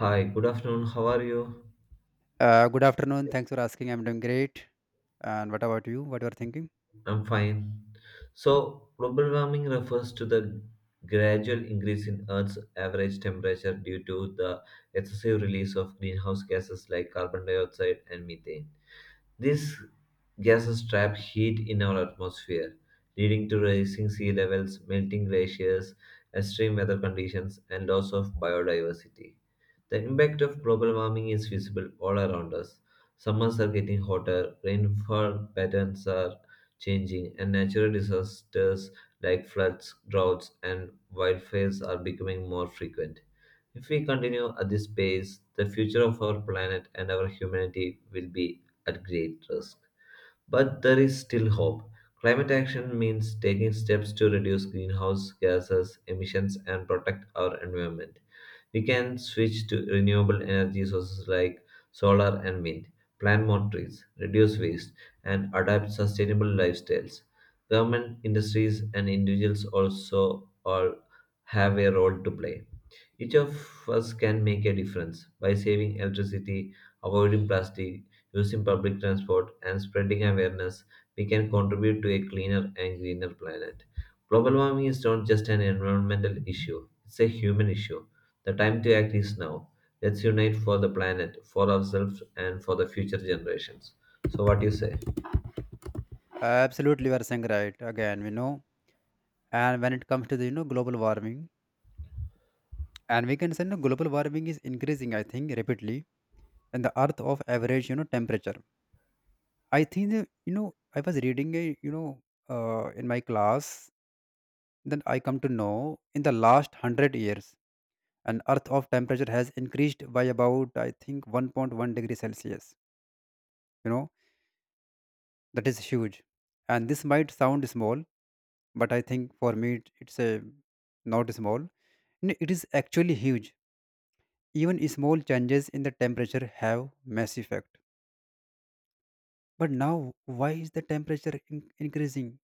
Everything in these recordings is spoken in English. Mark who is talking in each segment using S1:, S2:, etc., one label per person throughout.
S1: Hi, good afternoon. How are you?
S2: Good afternoon. Thanks for asking. I'm doing great. And what about you? What you are thinking?
S1: I'm fine. So, global warming refers to the gradual increase in Earth's average temperature due to the excessive release of greenhouse gases like carbon dioxide and methane. These gases trap heat in our atmosphere, leading to rising sea levels, melting glaciers, extreme weather conditions, and loss of biodiversity. The impact of global warming is visible all around us. Summers are getting hotter, rainfall patterns are changing, and natural disasters like floods, droughts, and wildfires are becoming more frequent. If we continue at this pace, the future of our planet and our humanity will be at great risk. But there is still hope. Climate action means taking steps to reduce greenhouse gases emissions and protect our environment. We can switch to renewable energy sources like solar and wind, plant more trees, reduce waste, and adapt sustainable lifestyles. Government, industries, and individuals also all have a role to play. Each of us can make a difference by saving electricity, avoiding plastic, using public transport, and spreading awareness. We can contribute to a cleaner and greener planet. Global warming is not just an environmental issue, it's a human issue. The time to act is now. Let's unite for the planet, for ourselves, and for the future generations. So, what do you say?
S2: Absolutely, you are saying right. Again, we know. And when it comes to the global warming, and we can say, global warming is increasing. I think rapidly, and the Earth of average temperature. I think that, I was reading a in my class. Then I come to know, in the last 100 years, an Earth of temperature has increased by about, I think, 1.1-degree Celsius. You know that is huge, and this might sound small, but I think for me it's a not small. No, it is actually huge. Even small changes in the temperature have mass effect. But now, why is the temperature increasing?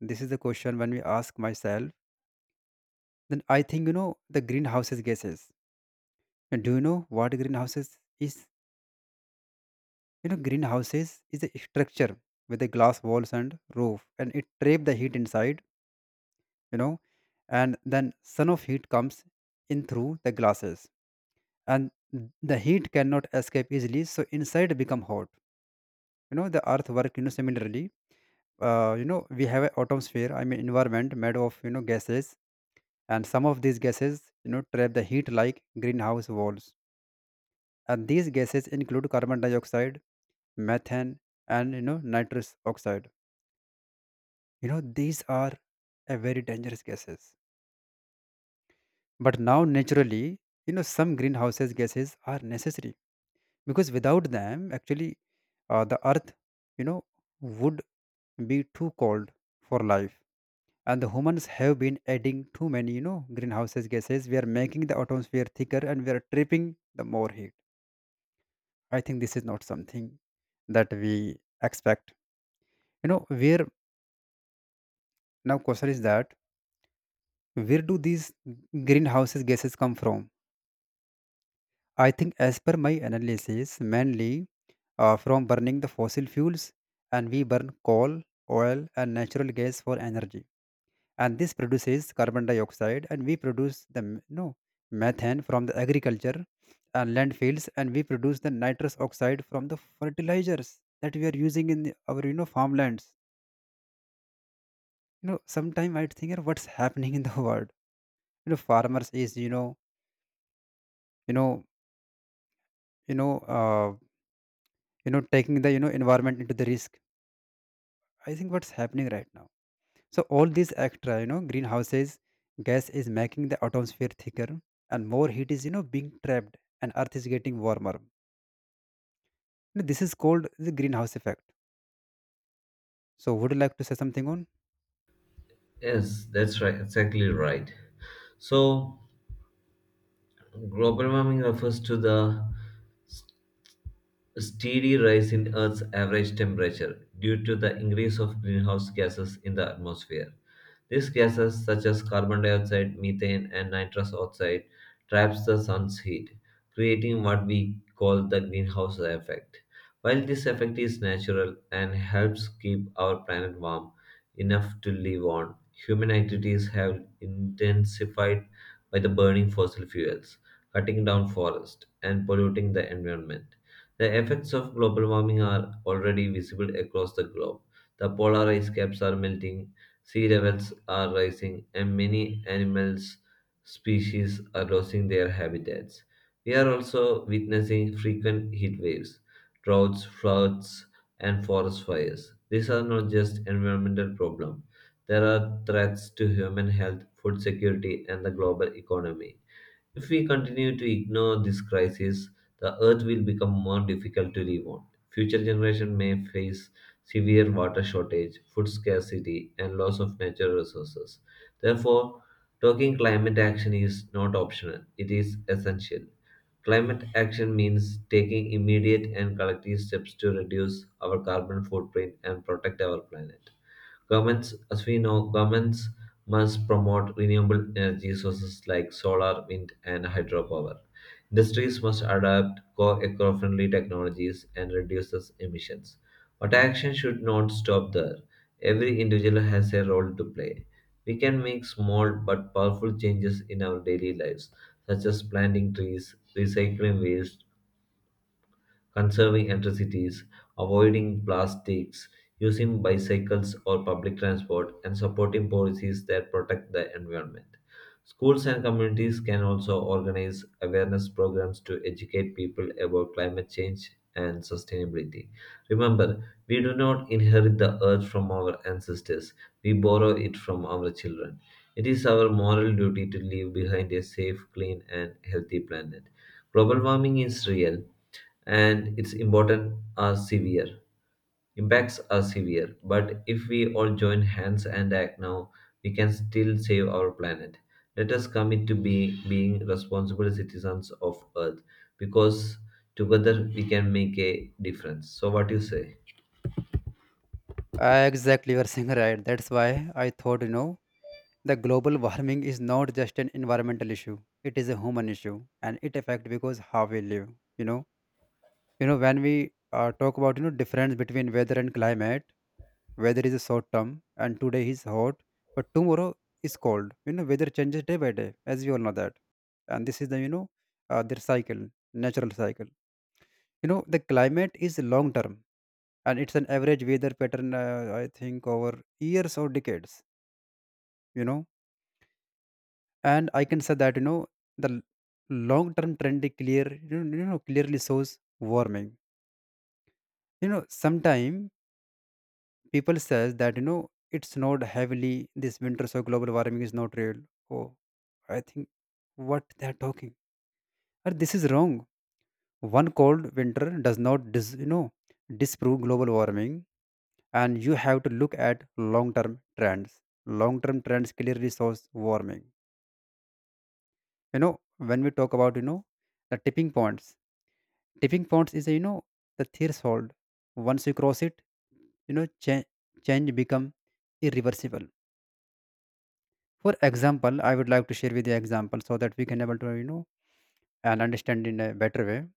S2: This is the question when we ask myself. Then I think, the greenhouses gases. And do you know what greenhouses is? Greenhouses is a structure with a glass walls and roof, and it trap the heat inside you know and then sun of heat comes in through the glasses, and the heat cannot escape easily, so inside become hot. The earth work similarly. We have an atmosphere, I mean environment made of gases. And some of these gases trap the heat like greenhouse walls. And these gases include carbon dioxide, methane, and nitrous oxide. These are a very dangerous gases. But now, naturally, some greenhouses gases are necessary, because without them actually, the earth you know would be too cold for life. And the humans have been adding too many greenhouses gases. We are making the atmosphere thicker, and we are tripping the more heat. I think this is not something that we expect, where now question is that, where do these greenhouses gases come from? I think, as per my analysis, mainly from burning the fossil fuels, and we burn coal, oil, and natural gas for energy. And this produces carbon dioxide, and we produce the no, methane from the agriculture and landfills, and we produce the nitrous oxide from the fertilizers that we are using in our farmlands. Sometimes I think, "Yeah, what's happening in the world? Farmers is you know you know uh, taking the environment into the risk. I think what's happening right now." So all these extra, greenhouses gas is making the atmosphere thicker, and more heat is, being trapped, and earth is getting warmer. This is called the greenhouse effect. So would you like to say something on?
S1: Yes, that's right, exactly right. So, global warming refers to the a steady rise in Earth's average temperature due to the increase of greenhouse gases in the atmosphere. These gases, such as carbon dioxide, methane, and nitrous oxide, traps the sun's heat, creating what we call the greenhouse effect. While this effect is natural and helps keep our planet warm enough to live on, human activities have intensified by the burning fossil fuels, cutting down forests, and polluting the environment. The effects of global warming are already visible across the globe. The polar ice caps are melting, sea levels are rising, and many animals species are losing their habitats. We are also witnessing frequent heat waves, droughts, floods, and forest fires. These are not just environmental problems. There are threats to human health, food security, and the global economy. If we continue to ignore this crisis, the earth will become more difficult to live on. Future generations may face severe water shortage, food scarcity, and loss of natural resources. Therefore, talking climate action is not optional, it is essential. Climate action means taking immediate and collective steps to reduce our carbon footprint and protect our planet. Governments, as we know, governments must promote renewable energy sources like solar, wind, and hydropower. Industries must adapt co eco friendly technologies and reduce these emissions. But action should not stop there. Every individual has a role to play. We can make small but powerful changes in our daily lives, such as planting trees, recycling waste, conserving electricity, avoiding plastics, using bicycles or public transport, and supporting policies that protect the environment. Schools and communities can also organize awareness programs to educate people about climate change and sustainability. Remember, we do not inherit the earth from our ancestors, we borrow it from our children. It is our moral duty to leave behind a safe, clean, and healthy planet. Global warming is real, and its important are severe. Impacts are severe, but if we all join hands and act now, we can still save our planet. Let us commit to being responsible citizens of Earth because together we can make a difference. So, what do you say?
S2: Exactly, you are saying right. That's why I thought, the global warming is not just an environmental issue. It is a human issue, and it affects because how we live, you know. When we talk about, difference between weather and climate, weather is a short term, and today is hot but tomorrow is cold. Weather changes day by day, as you all know that. And this is the their cycle, natural cycle. The climate is long term, and it's an average weather pattern, I think, over years or decades you know and I can say that, the long term trend is clear. Clearly shows warming. Sometimes people says that, it's not heavily this winter, so global warming is not real. Oh, I think what they're talking. Or this is wrong. One cold winter does not disprove global warming, and you have to look at long-term trends. Long-term trends clearly shows warming. When we talk about, the tipping points. Tipping points is, the threshold. Once you cross it, you know cha- change become irreversible. For example, I would like to share with you example, so that we can able to and understand in a better way.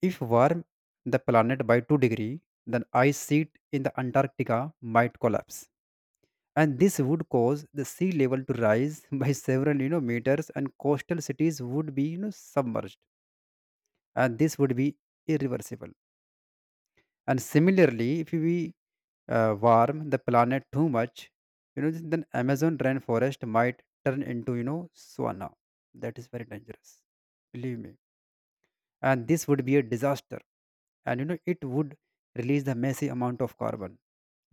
S2: If warm the planet by 2 degree, then ice sheet in the Antarctica might collapse. And this would cause the sea level to rise by several, meters, and coastal cities would be, submerged. And this would be irreversible. And similarly, if we warm the planet too much, then Amazon rainforest might turn into, sauna. That is very dangerous. Believe me. And this would be a disaster, and it would release the massive amount of carbon,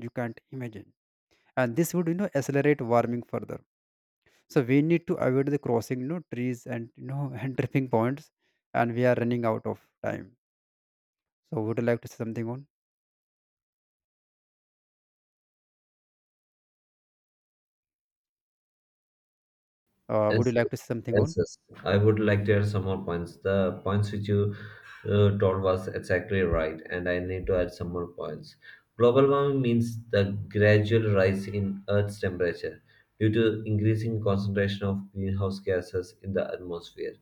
S2: you can't imagine. And this would accelerate warming further. So we need to avoid the crossing, trees and and tripping points. And we are running out of time. So would you like to say something on? Would
S1: Yes,
S2: you like
S1: yes,
S2: to say something on?
S1: yes. Yes. I would like to add some more points. The points which you told was exactly right, and I need to add some more points. Global warming means the gradual rise in Earth's temperature due to increasing concentration of greenhouse gases in the atmosphere.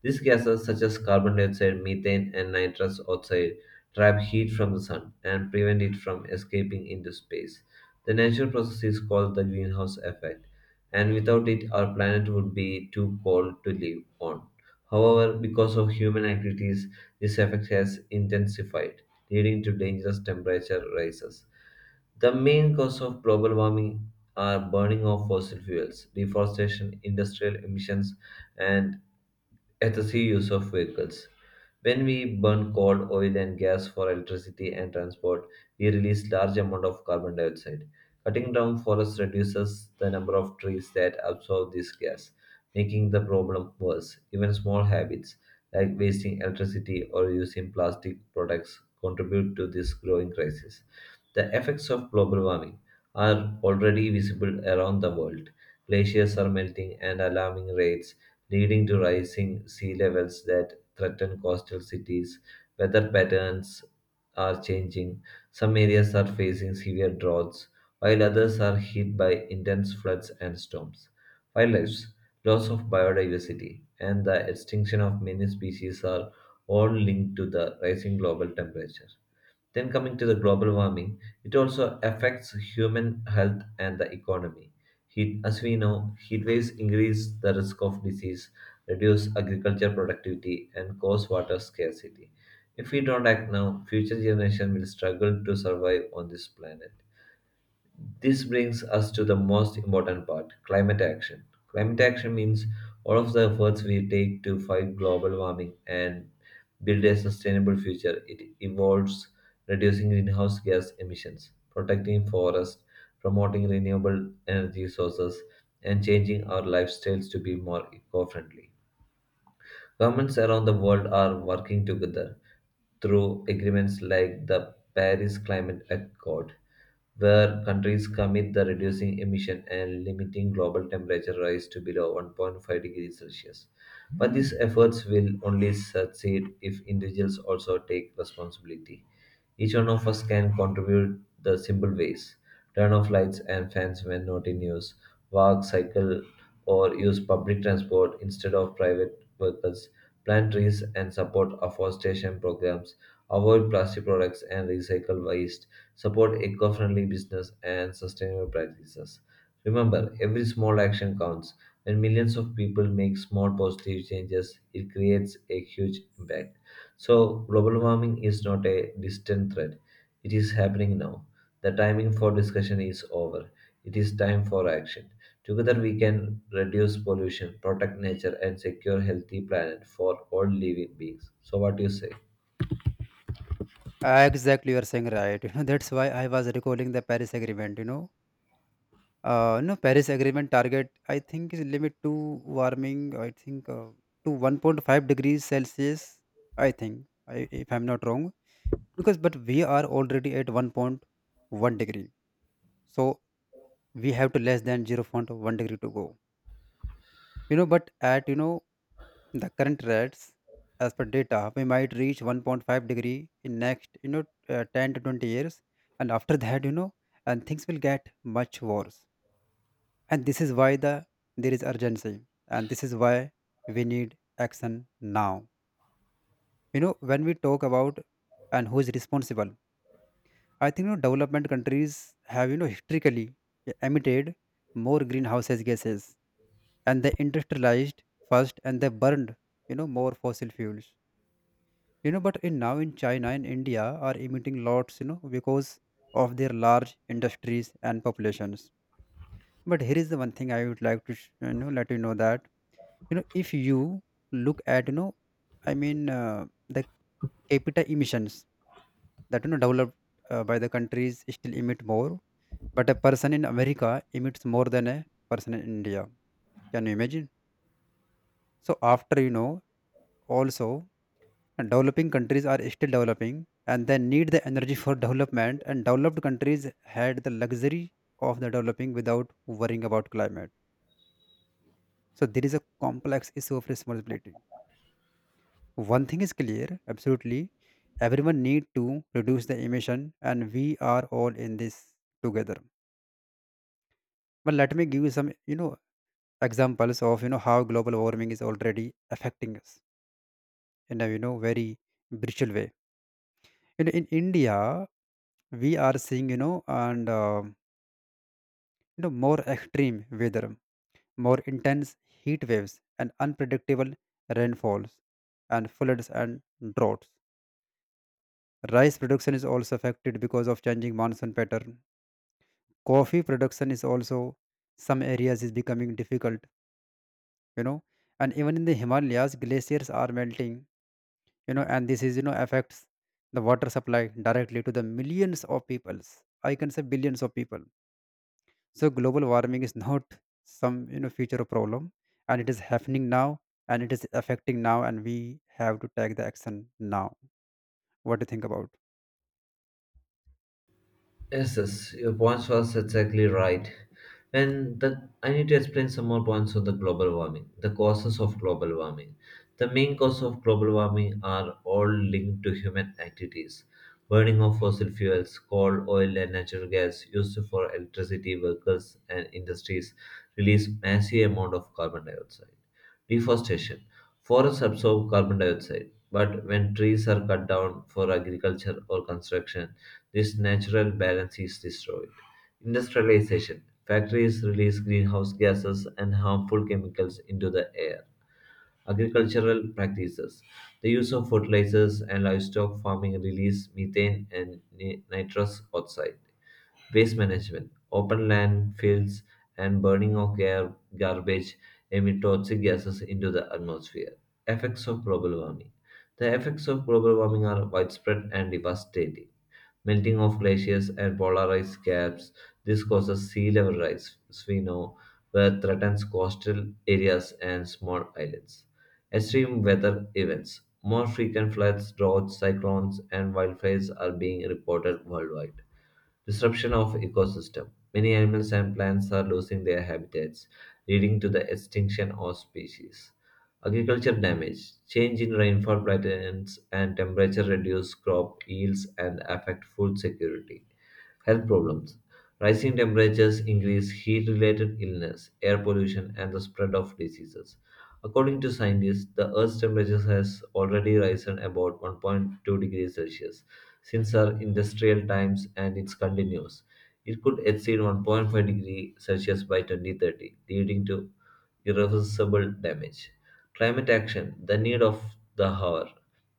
S1: These gases, such as carbon dioxide, methane, and nitrous oxide, trap heat from the sun and prevent it from escaping into space. The natural process is called the greenhouse effect and without it, our planet would be too cold to live on. However, because of human activities, this effect has intensified, leading to dangerous temperature rises. The main cause of global warming are burning of fossil fuels, deforestation, industrial emissions, and efficiency use of vehicles. When we burn coal, oil, and gas for electricity and transport, we release large amount of carbon dioxide. Cutting down forests reduces the number of trees that absorb this gas, making the problem worse. Even small habits like wasting electricity or using plastic products contribute to this growing crisis. The effects of global warming are already visible around the world. Glaciers are melting and alarming rates leading to rising sea levels that threaten coastal cities. Weather patterns are changing. Some areas are facing severe droughts, while others are hit by intense floods and storms. Wildlife, loss of biodiversity, and the extinction of many species are all linked to the rising global temperature. Then, coming to the global warming, it also affects human health and the economy. Heat, as we know, heat waves increase the risk of disease, reduce agriculture productivity, and cause water scarcity. If we don't act now, future generations will struggle to survive on this planet. This brings us to the most important part climate action. Climate action means all of the efforts we take to fight global warming and build a sustainable future. It involves reducing greenhouse gas emissions, protecting forests, promoting renewable energy sources, and changing our lifestyles to be more eco friendly. Governments around the world are working together through agreements like the Paris Climate Accord, where countries commit to reducing emission and limiting global temperature rise to below 1.5 degrees Celsius. But these efforts will only succeed if individuals also take responsibility. Each one of us can contribute the simple ways. Turn off lights and fans when not in use. Walk, cycle, or use public transport instead of private vehicles, plant trees and support afforestation programs, avoid plastic products and recycle waste, support eco friendly business and sustainable practices. Remember, every small action counts. When millions of people make small positive changes, it creates a huge impact. So, global warming is not a distant threat, it is happening now. The timing for discussion is over. It is time for action. Together we can reduce pollution, protect nature, and secure healthy planet for all living beings. So what do you say?
S2: Exactly, you are saying right. That's why I was recalling the Paris Agreement. No, Paris Agreement target, I think, is limit to warming, I think, to 1.5 degrees Celsius, I think, if I'm not wrong. Because, but we are already at 1.1 degree. So we have to less than zero point 0.1 degree to go. But at, the current rates, as per data, we might reach 1.5 degree in next, 10 to 20 years. And after that, and things will get much worse. And this is why there is urgency. And this is why we need action now. When we talk about, and who is responsible? I think, development countries have historically emitted more greenhouse gases, and they industrialized first, and they burned more fossil fuels. But in, now in China and India are emitting lots, because of their large industries and populations. But here is the one thing I would like to let you know that, if you look at, I mean, the capita emissions, that, developed by the countries, still emit more. But a person in America emits more than a person in India. Can you imagine? So after, also, and developing countries are still developing, and they need the energy for development. And developed countries had the luxury of the developing without worrying about climate. So there is a complex issue of responsibility. One thing is clear, absolutely. Everyone need to reduce the emission, and we are all in this together. But let me give you some, examples of, how global warming is already affecting us in a, very brutal way. In India, we are seeing, more extreme weather, more intense heat waves, and unpredictable rainfalls, and floods, and droughts. Rice production is also affected because of changing monsoon pattern. Coffee production is also, some areas is becoming difficult you know and even in the Himalayas, glaciers are melting. And this is, affects the water supply directly to the millions of peoples. I can say billions of people. So global warming is not some future problem. And it is happening now, and it is affecting now. And we have to take the action now. What do you think about?
S1: Yes, yes, your points was exactly right. And the I need to explain some more points on the global warming, the causes of global warming. The main cause of global warming are all linked to human activities. Burning of fossil fuels, coal, oil, and natural gas used for electricity, vehicles, and industries release massive amount of carbon dioxide. Deforestation. Forests absorb carbon dioxide, but when trees are cut down for agriculture or construction, this natural balance is destroyed. Industrialization. Factories release greenhouse gases and harmful chemicals into the air. Agricultural practices. The use of fertilizers and livestock farming release methane and nitrous oxide. Waste management, open landfills, and burning of garbage emit toxic gases into the atmosphere. Effects of global warming. The effects of global warming are widespread and devastating. Melting of glaciers and polar ice caps. This causes sea level rise, as we know, where threatens coastal areas and small islands. Extreme weather events. More frequent floods, droughts, cyclones, and wildfires are being reported worldwide. Disruption of ecosystem. Many animals and plants are losing their habitats, leading to the extinction of species. Agriculture damage. Change in rainfall patterns and temperature reduce crop yields and affect food security. Health problems. Rising temperatures increase heat related illness, air pollution, and the spread of diseases. According to scientists, the Earth's temperature has already risen about 1.2 degrees Celsius, since our industrial times and it continues. It could exceed 1.5-degree Celsius by 2030, leading to irreversible damage. Climate action, the need of the hour.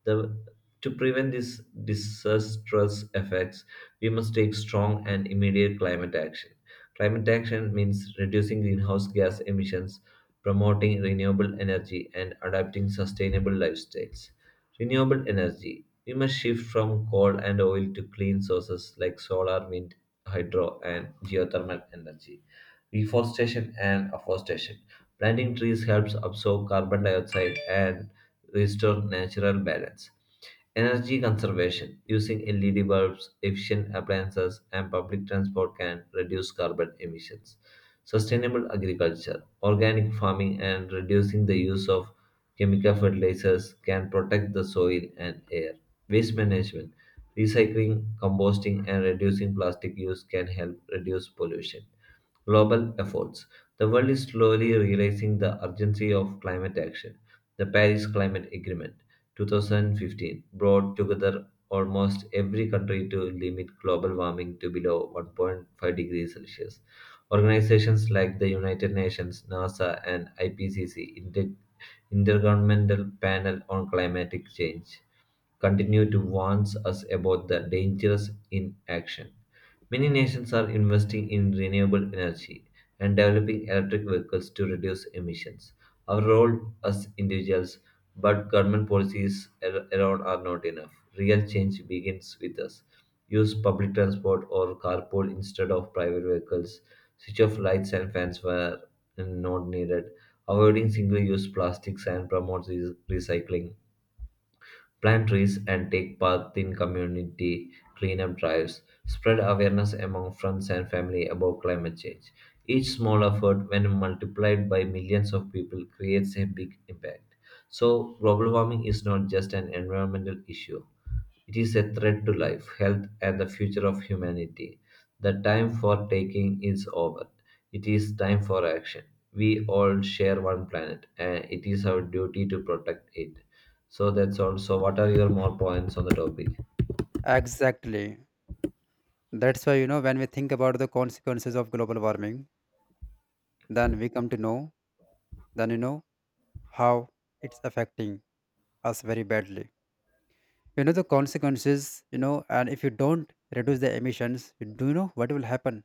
S1: The, to prevent these disastrous effects, we must take strong and immediate climate action. Climate action means reducing greenhouse gas emissions, promoting renewable energy, and adopting sustainable lifestyles. Renewable energy. We must shift from coal and oil to clean sources like solar, wind, hydro, and geothermal energy. Reforestation and afforestation. Planting trees helps absorb carbon dioxide and restore natural balance. Energy conservation using LED bulbs, efficient appliances, and public transport can reduce carbon emissions. Sustainable agriculture, organic farming, and reducing the use of chemical fertilizers can protect the soil and air. Waste management, recycling, composting, and reducing plastic use can help reduce pollution. Global efforts. The world is slowly realizing the urgency of climate action. The Paris Climate Agreement 2015 brought together almost every country to limit global warming to below 1.5 degrees Celsius. Organizations like the United Nations, NASA, and IPCC, Intergovernmental Panel on Climatic Change, continue to warn us about the dangers in action. Many nations are investing in renewable energy and developing electric vehicles to reduce emissions. Our role as individuals, but government policies around are not enough. Real change begins with us. Use public transport or carpool instead of private vehicles. Switch off lights and fans where not needed. Avoiding single use plastics and promote recycling, plant trees, and take part in community cleanup drives, spread awareness among friends and family about climate change. Each small effort, when multiplied by millions of people, creates a big impact. So, global warming is not just an environmental issue. It is a threat to life, health, and the future of humanity. The time for taking is over. It is time for action. We all share one planet, and it is our duty to protect it. So that's all. So what are your more points on the topic?
S2: Exactly. That's why, when we think about the consequences of global warming, then we come to know, then, how it's affecting us very badly. The consequences, and if you don't reduce the emissions, you do you know what will happen?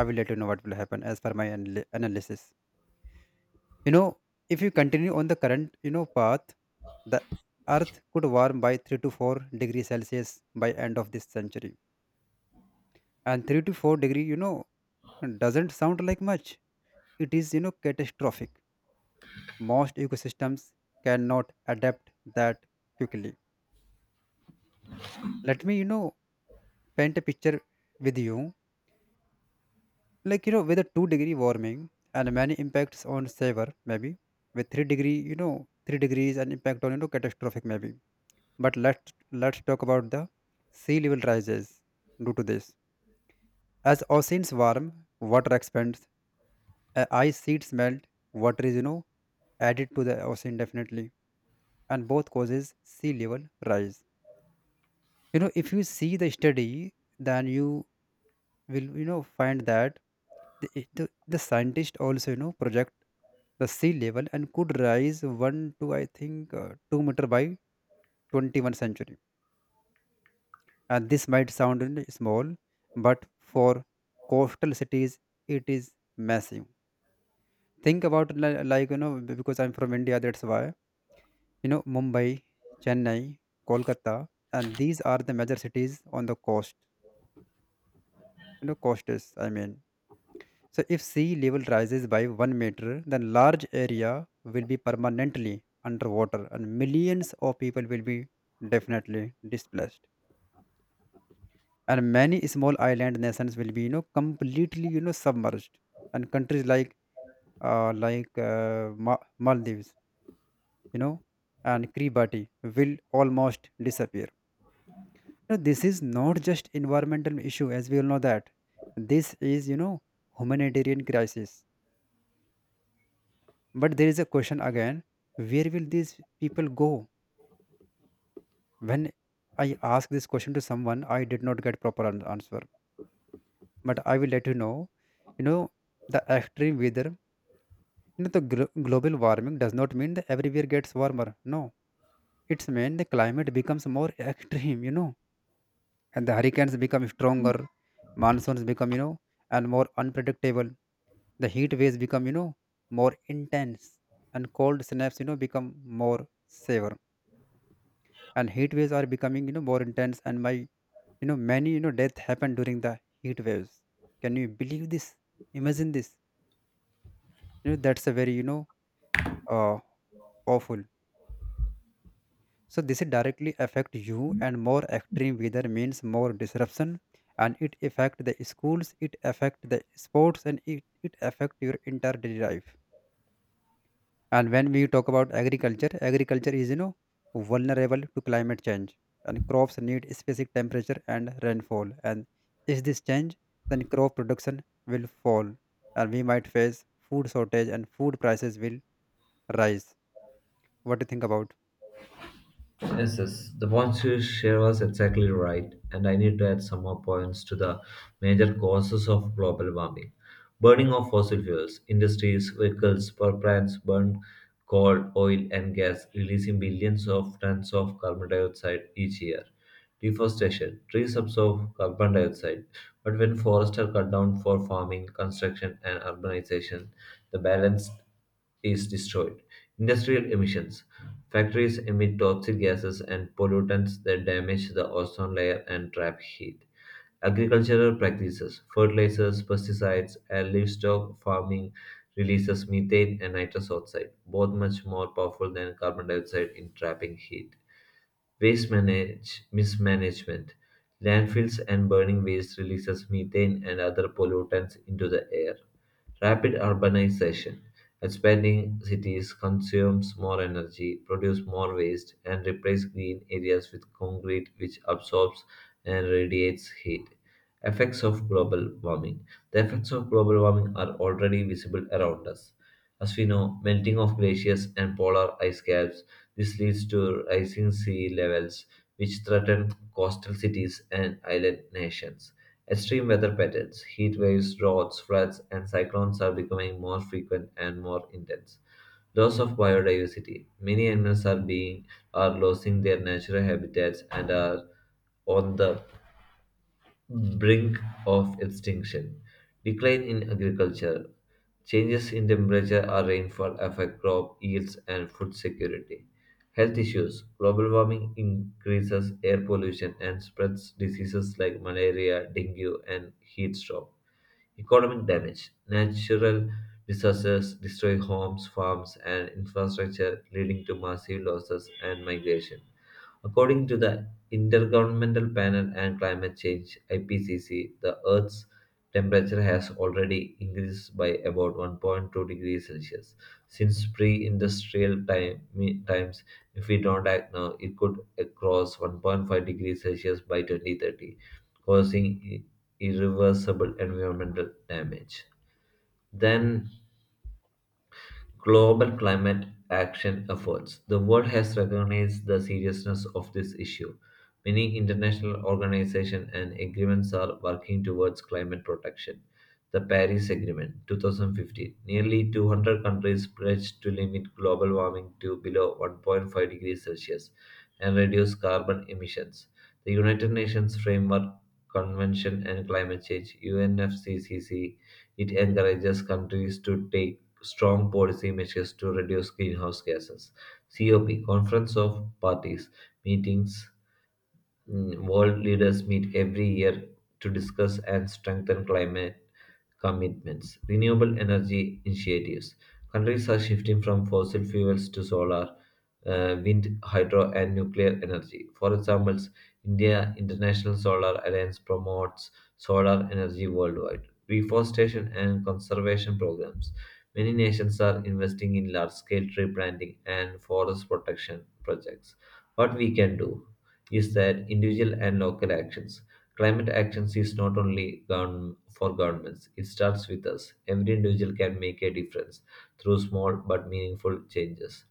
S2: I will let you know what will happen as per my analysis you know if you continue on the current path, the earth could warm by 3 to 4 degree Celsius by end of this century. And 3 to 4 degree, doesn't sound like much. It is, catastrophic. Most ecosystems cannot adapt that quickly. Let me paint a picture with you, like, with a 2 degree warming, and many impacts on savor, maybe, with 3 degree, 3 degrees, and impact on catastrophic maybe. But let's talk about the sea level rises due to this. As oceans warm, water expands, ice sheets melt, water is added to the ocean definitely, and both causes sea level rise. If you see the study, then you will find that the scientist also project the sea level, and could rise 1 to I think 2-meter by 21st century. And this might sound, small, but for coastal cities it is massive. Think about like, because I'm from India, that's why, Mumbai, Chennai, Kolkata, and these are the major cities on the coast. Costs, I mean. So if sea level rises by 1 meter, then large area will be permanently underwater, and millions of people will be definitely displaced. And many small island nations will be completely submerged. And countries like Maldives, you know and Kiribati will almost disappear. Now this is not just environmental issue, as we all know that. This is, humanitarian crisis. But there is a question again, where will these people go? When I ask this question to someone, I did not get proper answer. But I will let you know, you know, the extreme weather, the global warming does not mean that everywhere gets warmer. No, it's mean the climate becomes more extreme, and the hurricanes become stronger, monsoons become, and more unpredictable. The heat waves become, more intense, and cold snaps, become more severe. And heat waves are becoming more intense, and my many death happen during the heat waves. Can you believe this? Imagine this. That's a very, uh, awful. So this directly affect you, and more extreme weather means more disruption. And it affect the schools, it affect the sports, and it affect your entire daily life. And when we talk about agriculture, agriculture is vulnerable to climate change, and crops need specific temperature and rainfall. And if this change, then crop production will fall, and we might face food shortage, and food prices will rise. What do you think about?
S1: Yes, yes. The points you share was exactly right, and I need to add some more points to the major causes of global warming. Burning of fossil fuels, industries, vehicles, power plants burn coal, oil, and gas, releasing billions of tons of carbon dioxide each year. Deforestation, trees absorb carbon dioxide, but when forests are cut down for farming, construction, and urbanization, the balance is destroyed. Industrial emissions. Factories emit toxic gases and pollutants that damage the ozone layer and trap heat. Agricultural practices, fertilizers, pesticides, and livestock farming releases methane and nitrous oxide, both much more powerful than carbon dioxide in trapping heat. Waste mismanagement. Landfills and burning waste releases methane and other pollutants into the air. Rapid urbanization. Expanding cities consumes more energy, produce more waste, and replace green areas with concrete, which absorbs and radiates heat. Effects of global warming. The effects of global warming are already visible around us. As we know, melting of glaciers and polar ice caps. This leads to rising sea levels, which threaten coastal cities and island nations. Extreme weather patterns, heat waves, droughts, floods, and cyclones are becoming more frequent and more intense. Loss of biodiversity. Many animals are being are losing their natural habitats and are on the brink of extinction. Decline in agriculture, changes in temperature or rainfall affect crop yields and food security. Health issues, global warming increases air pollution and spreads diseases like malaria, dengue, and heat stroke. Economic damage, natural disasters destroy homes, farms, and infrastructure, leading to massive losses and migration. According to the Intergovernmental Panel on Climate Change (IPCC), the Earth's temperature has already increased by about 1.2 degrees Celsius since times. If we don't act now, it could cross 1.5 degrees Celsius by 2030, causing i- irreversible environmental damage. Then global climate action efforts. The world has recognized the seriousness of this issue. Many international organizations and agreements are working towards climate protection. The Paris Agreement 2015. Nearly 200 countries pledged to limit global warming to below 1.5 degrees Celsius and reduce carbon emissions. The United Nations Framework Convention on Climate Change, UNFCCC, it encourages countries to take strong policy measures to reduce greenhouse gases. COP, Conference of Parties meetings. World leaders meet every year to discuss and strengthen climate commitments. Renewable energy initiatives. Countries are shifting from fossil fuels to solar, wind, hydro, and nuclear energy. For examples, India International Solar Alliance promotes solar energy worldwide. Reforestation and conservation programs. Many nations are investing in large scale tree planting and forest protection projects. What we can do? Is that individual and local actions. Climate actions is not only for governments, it starts with us. Every individual can make a difference through small but meaningful changes.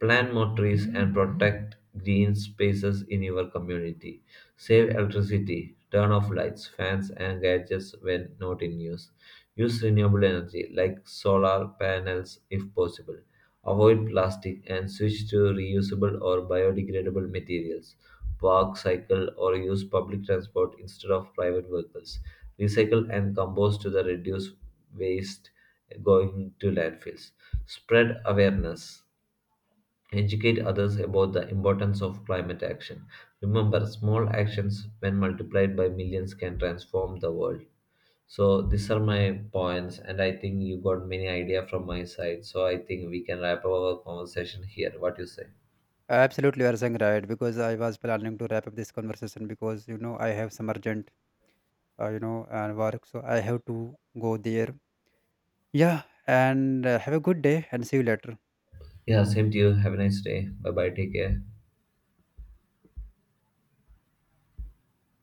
S1: Plant more trees and protect green spaces in your community. Save electricity, turn off lights, fans, and gadgets when not in use. Use renewable energy like solar panels if possible. Avoid plastic and switch to reusable or biodegradable materials. Walk, cycle, or use public transport instead of private vehicles. Recycle and compost to the reduce waste going to landfills. Spread awareness. Educate others about the importance of climate action. Remember, small actions, when multiplied by millions, can transform the world. So these are my points, and I think you got many idea from my side. So I think we can wrap up our conversation here. What you say?
S2: Absolutely, you are saying right, because I was planning to wrap up this conversation because, I have some urgent and work, so I have to go there. Yeah, and have a good day and see you later.
S1: Yeah, same to you. Have a nice day. Bye bye. Take care.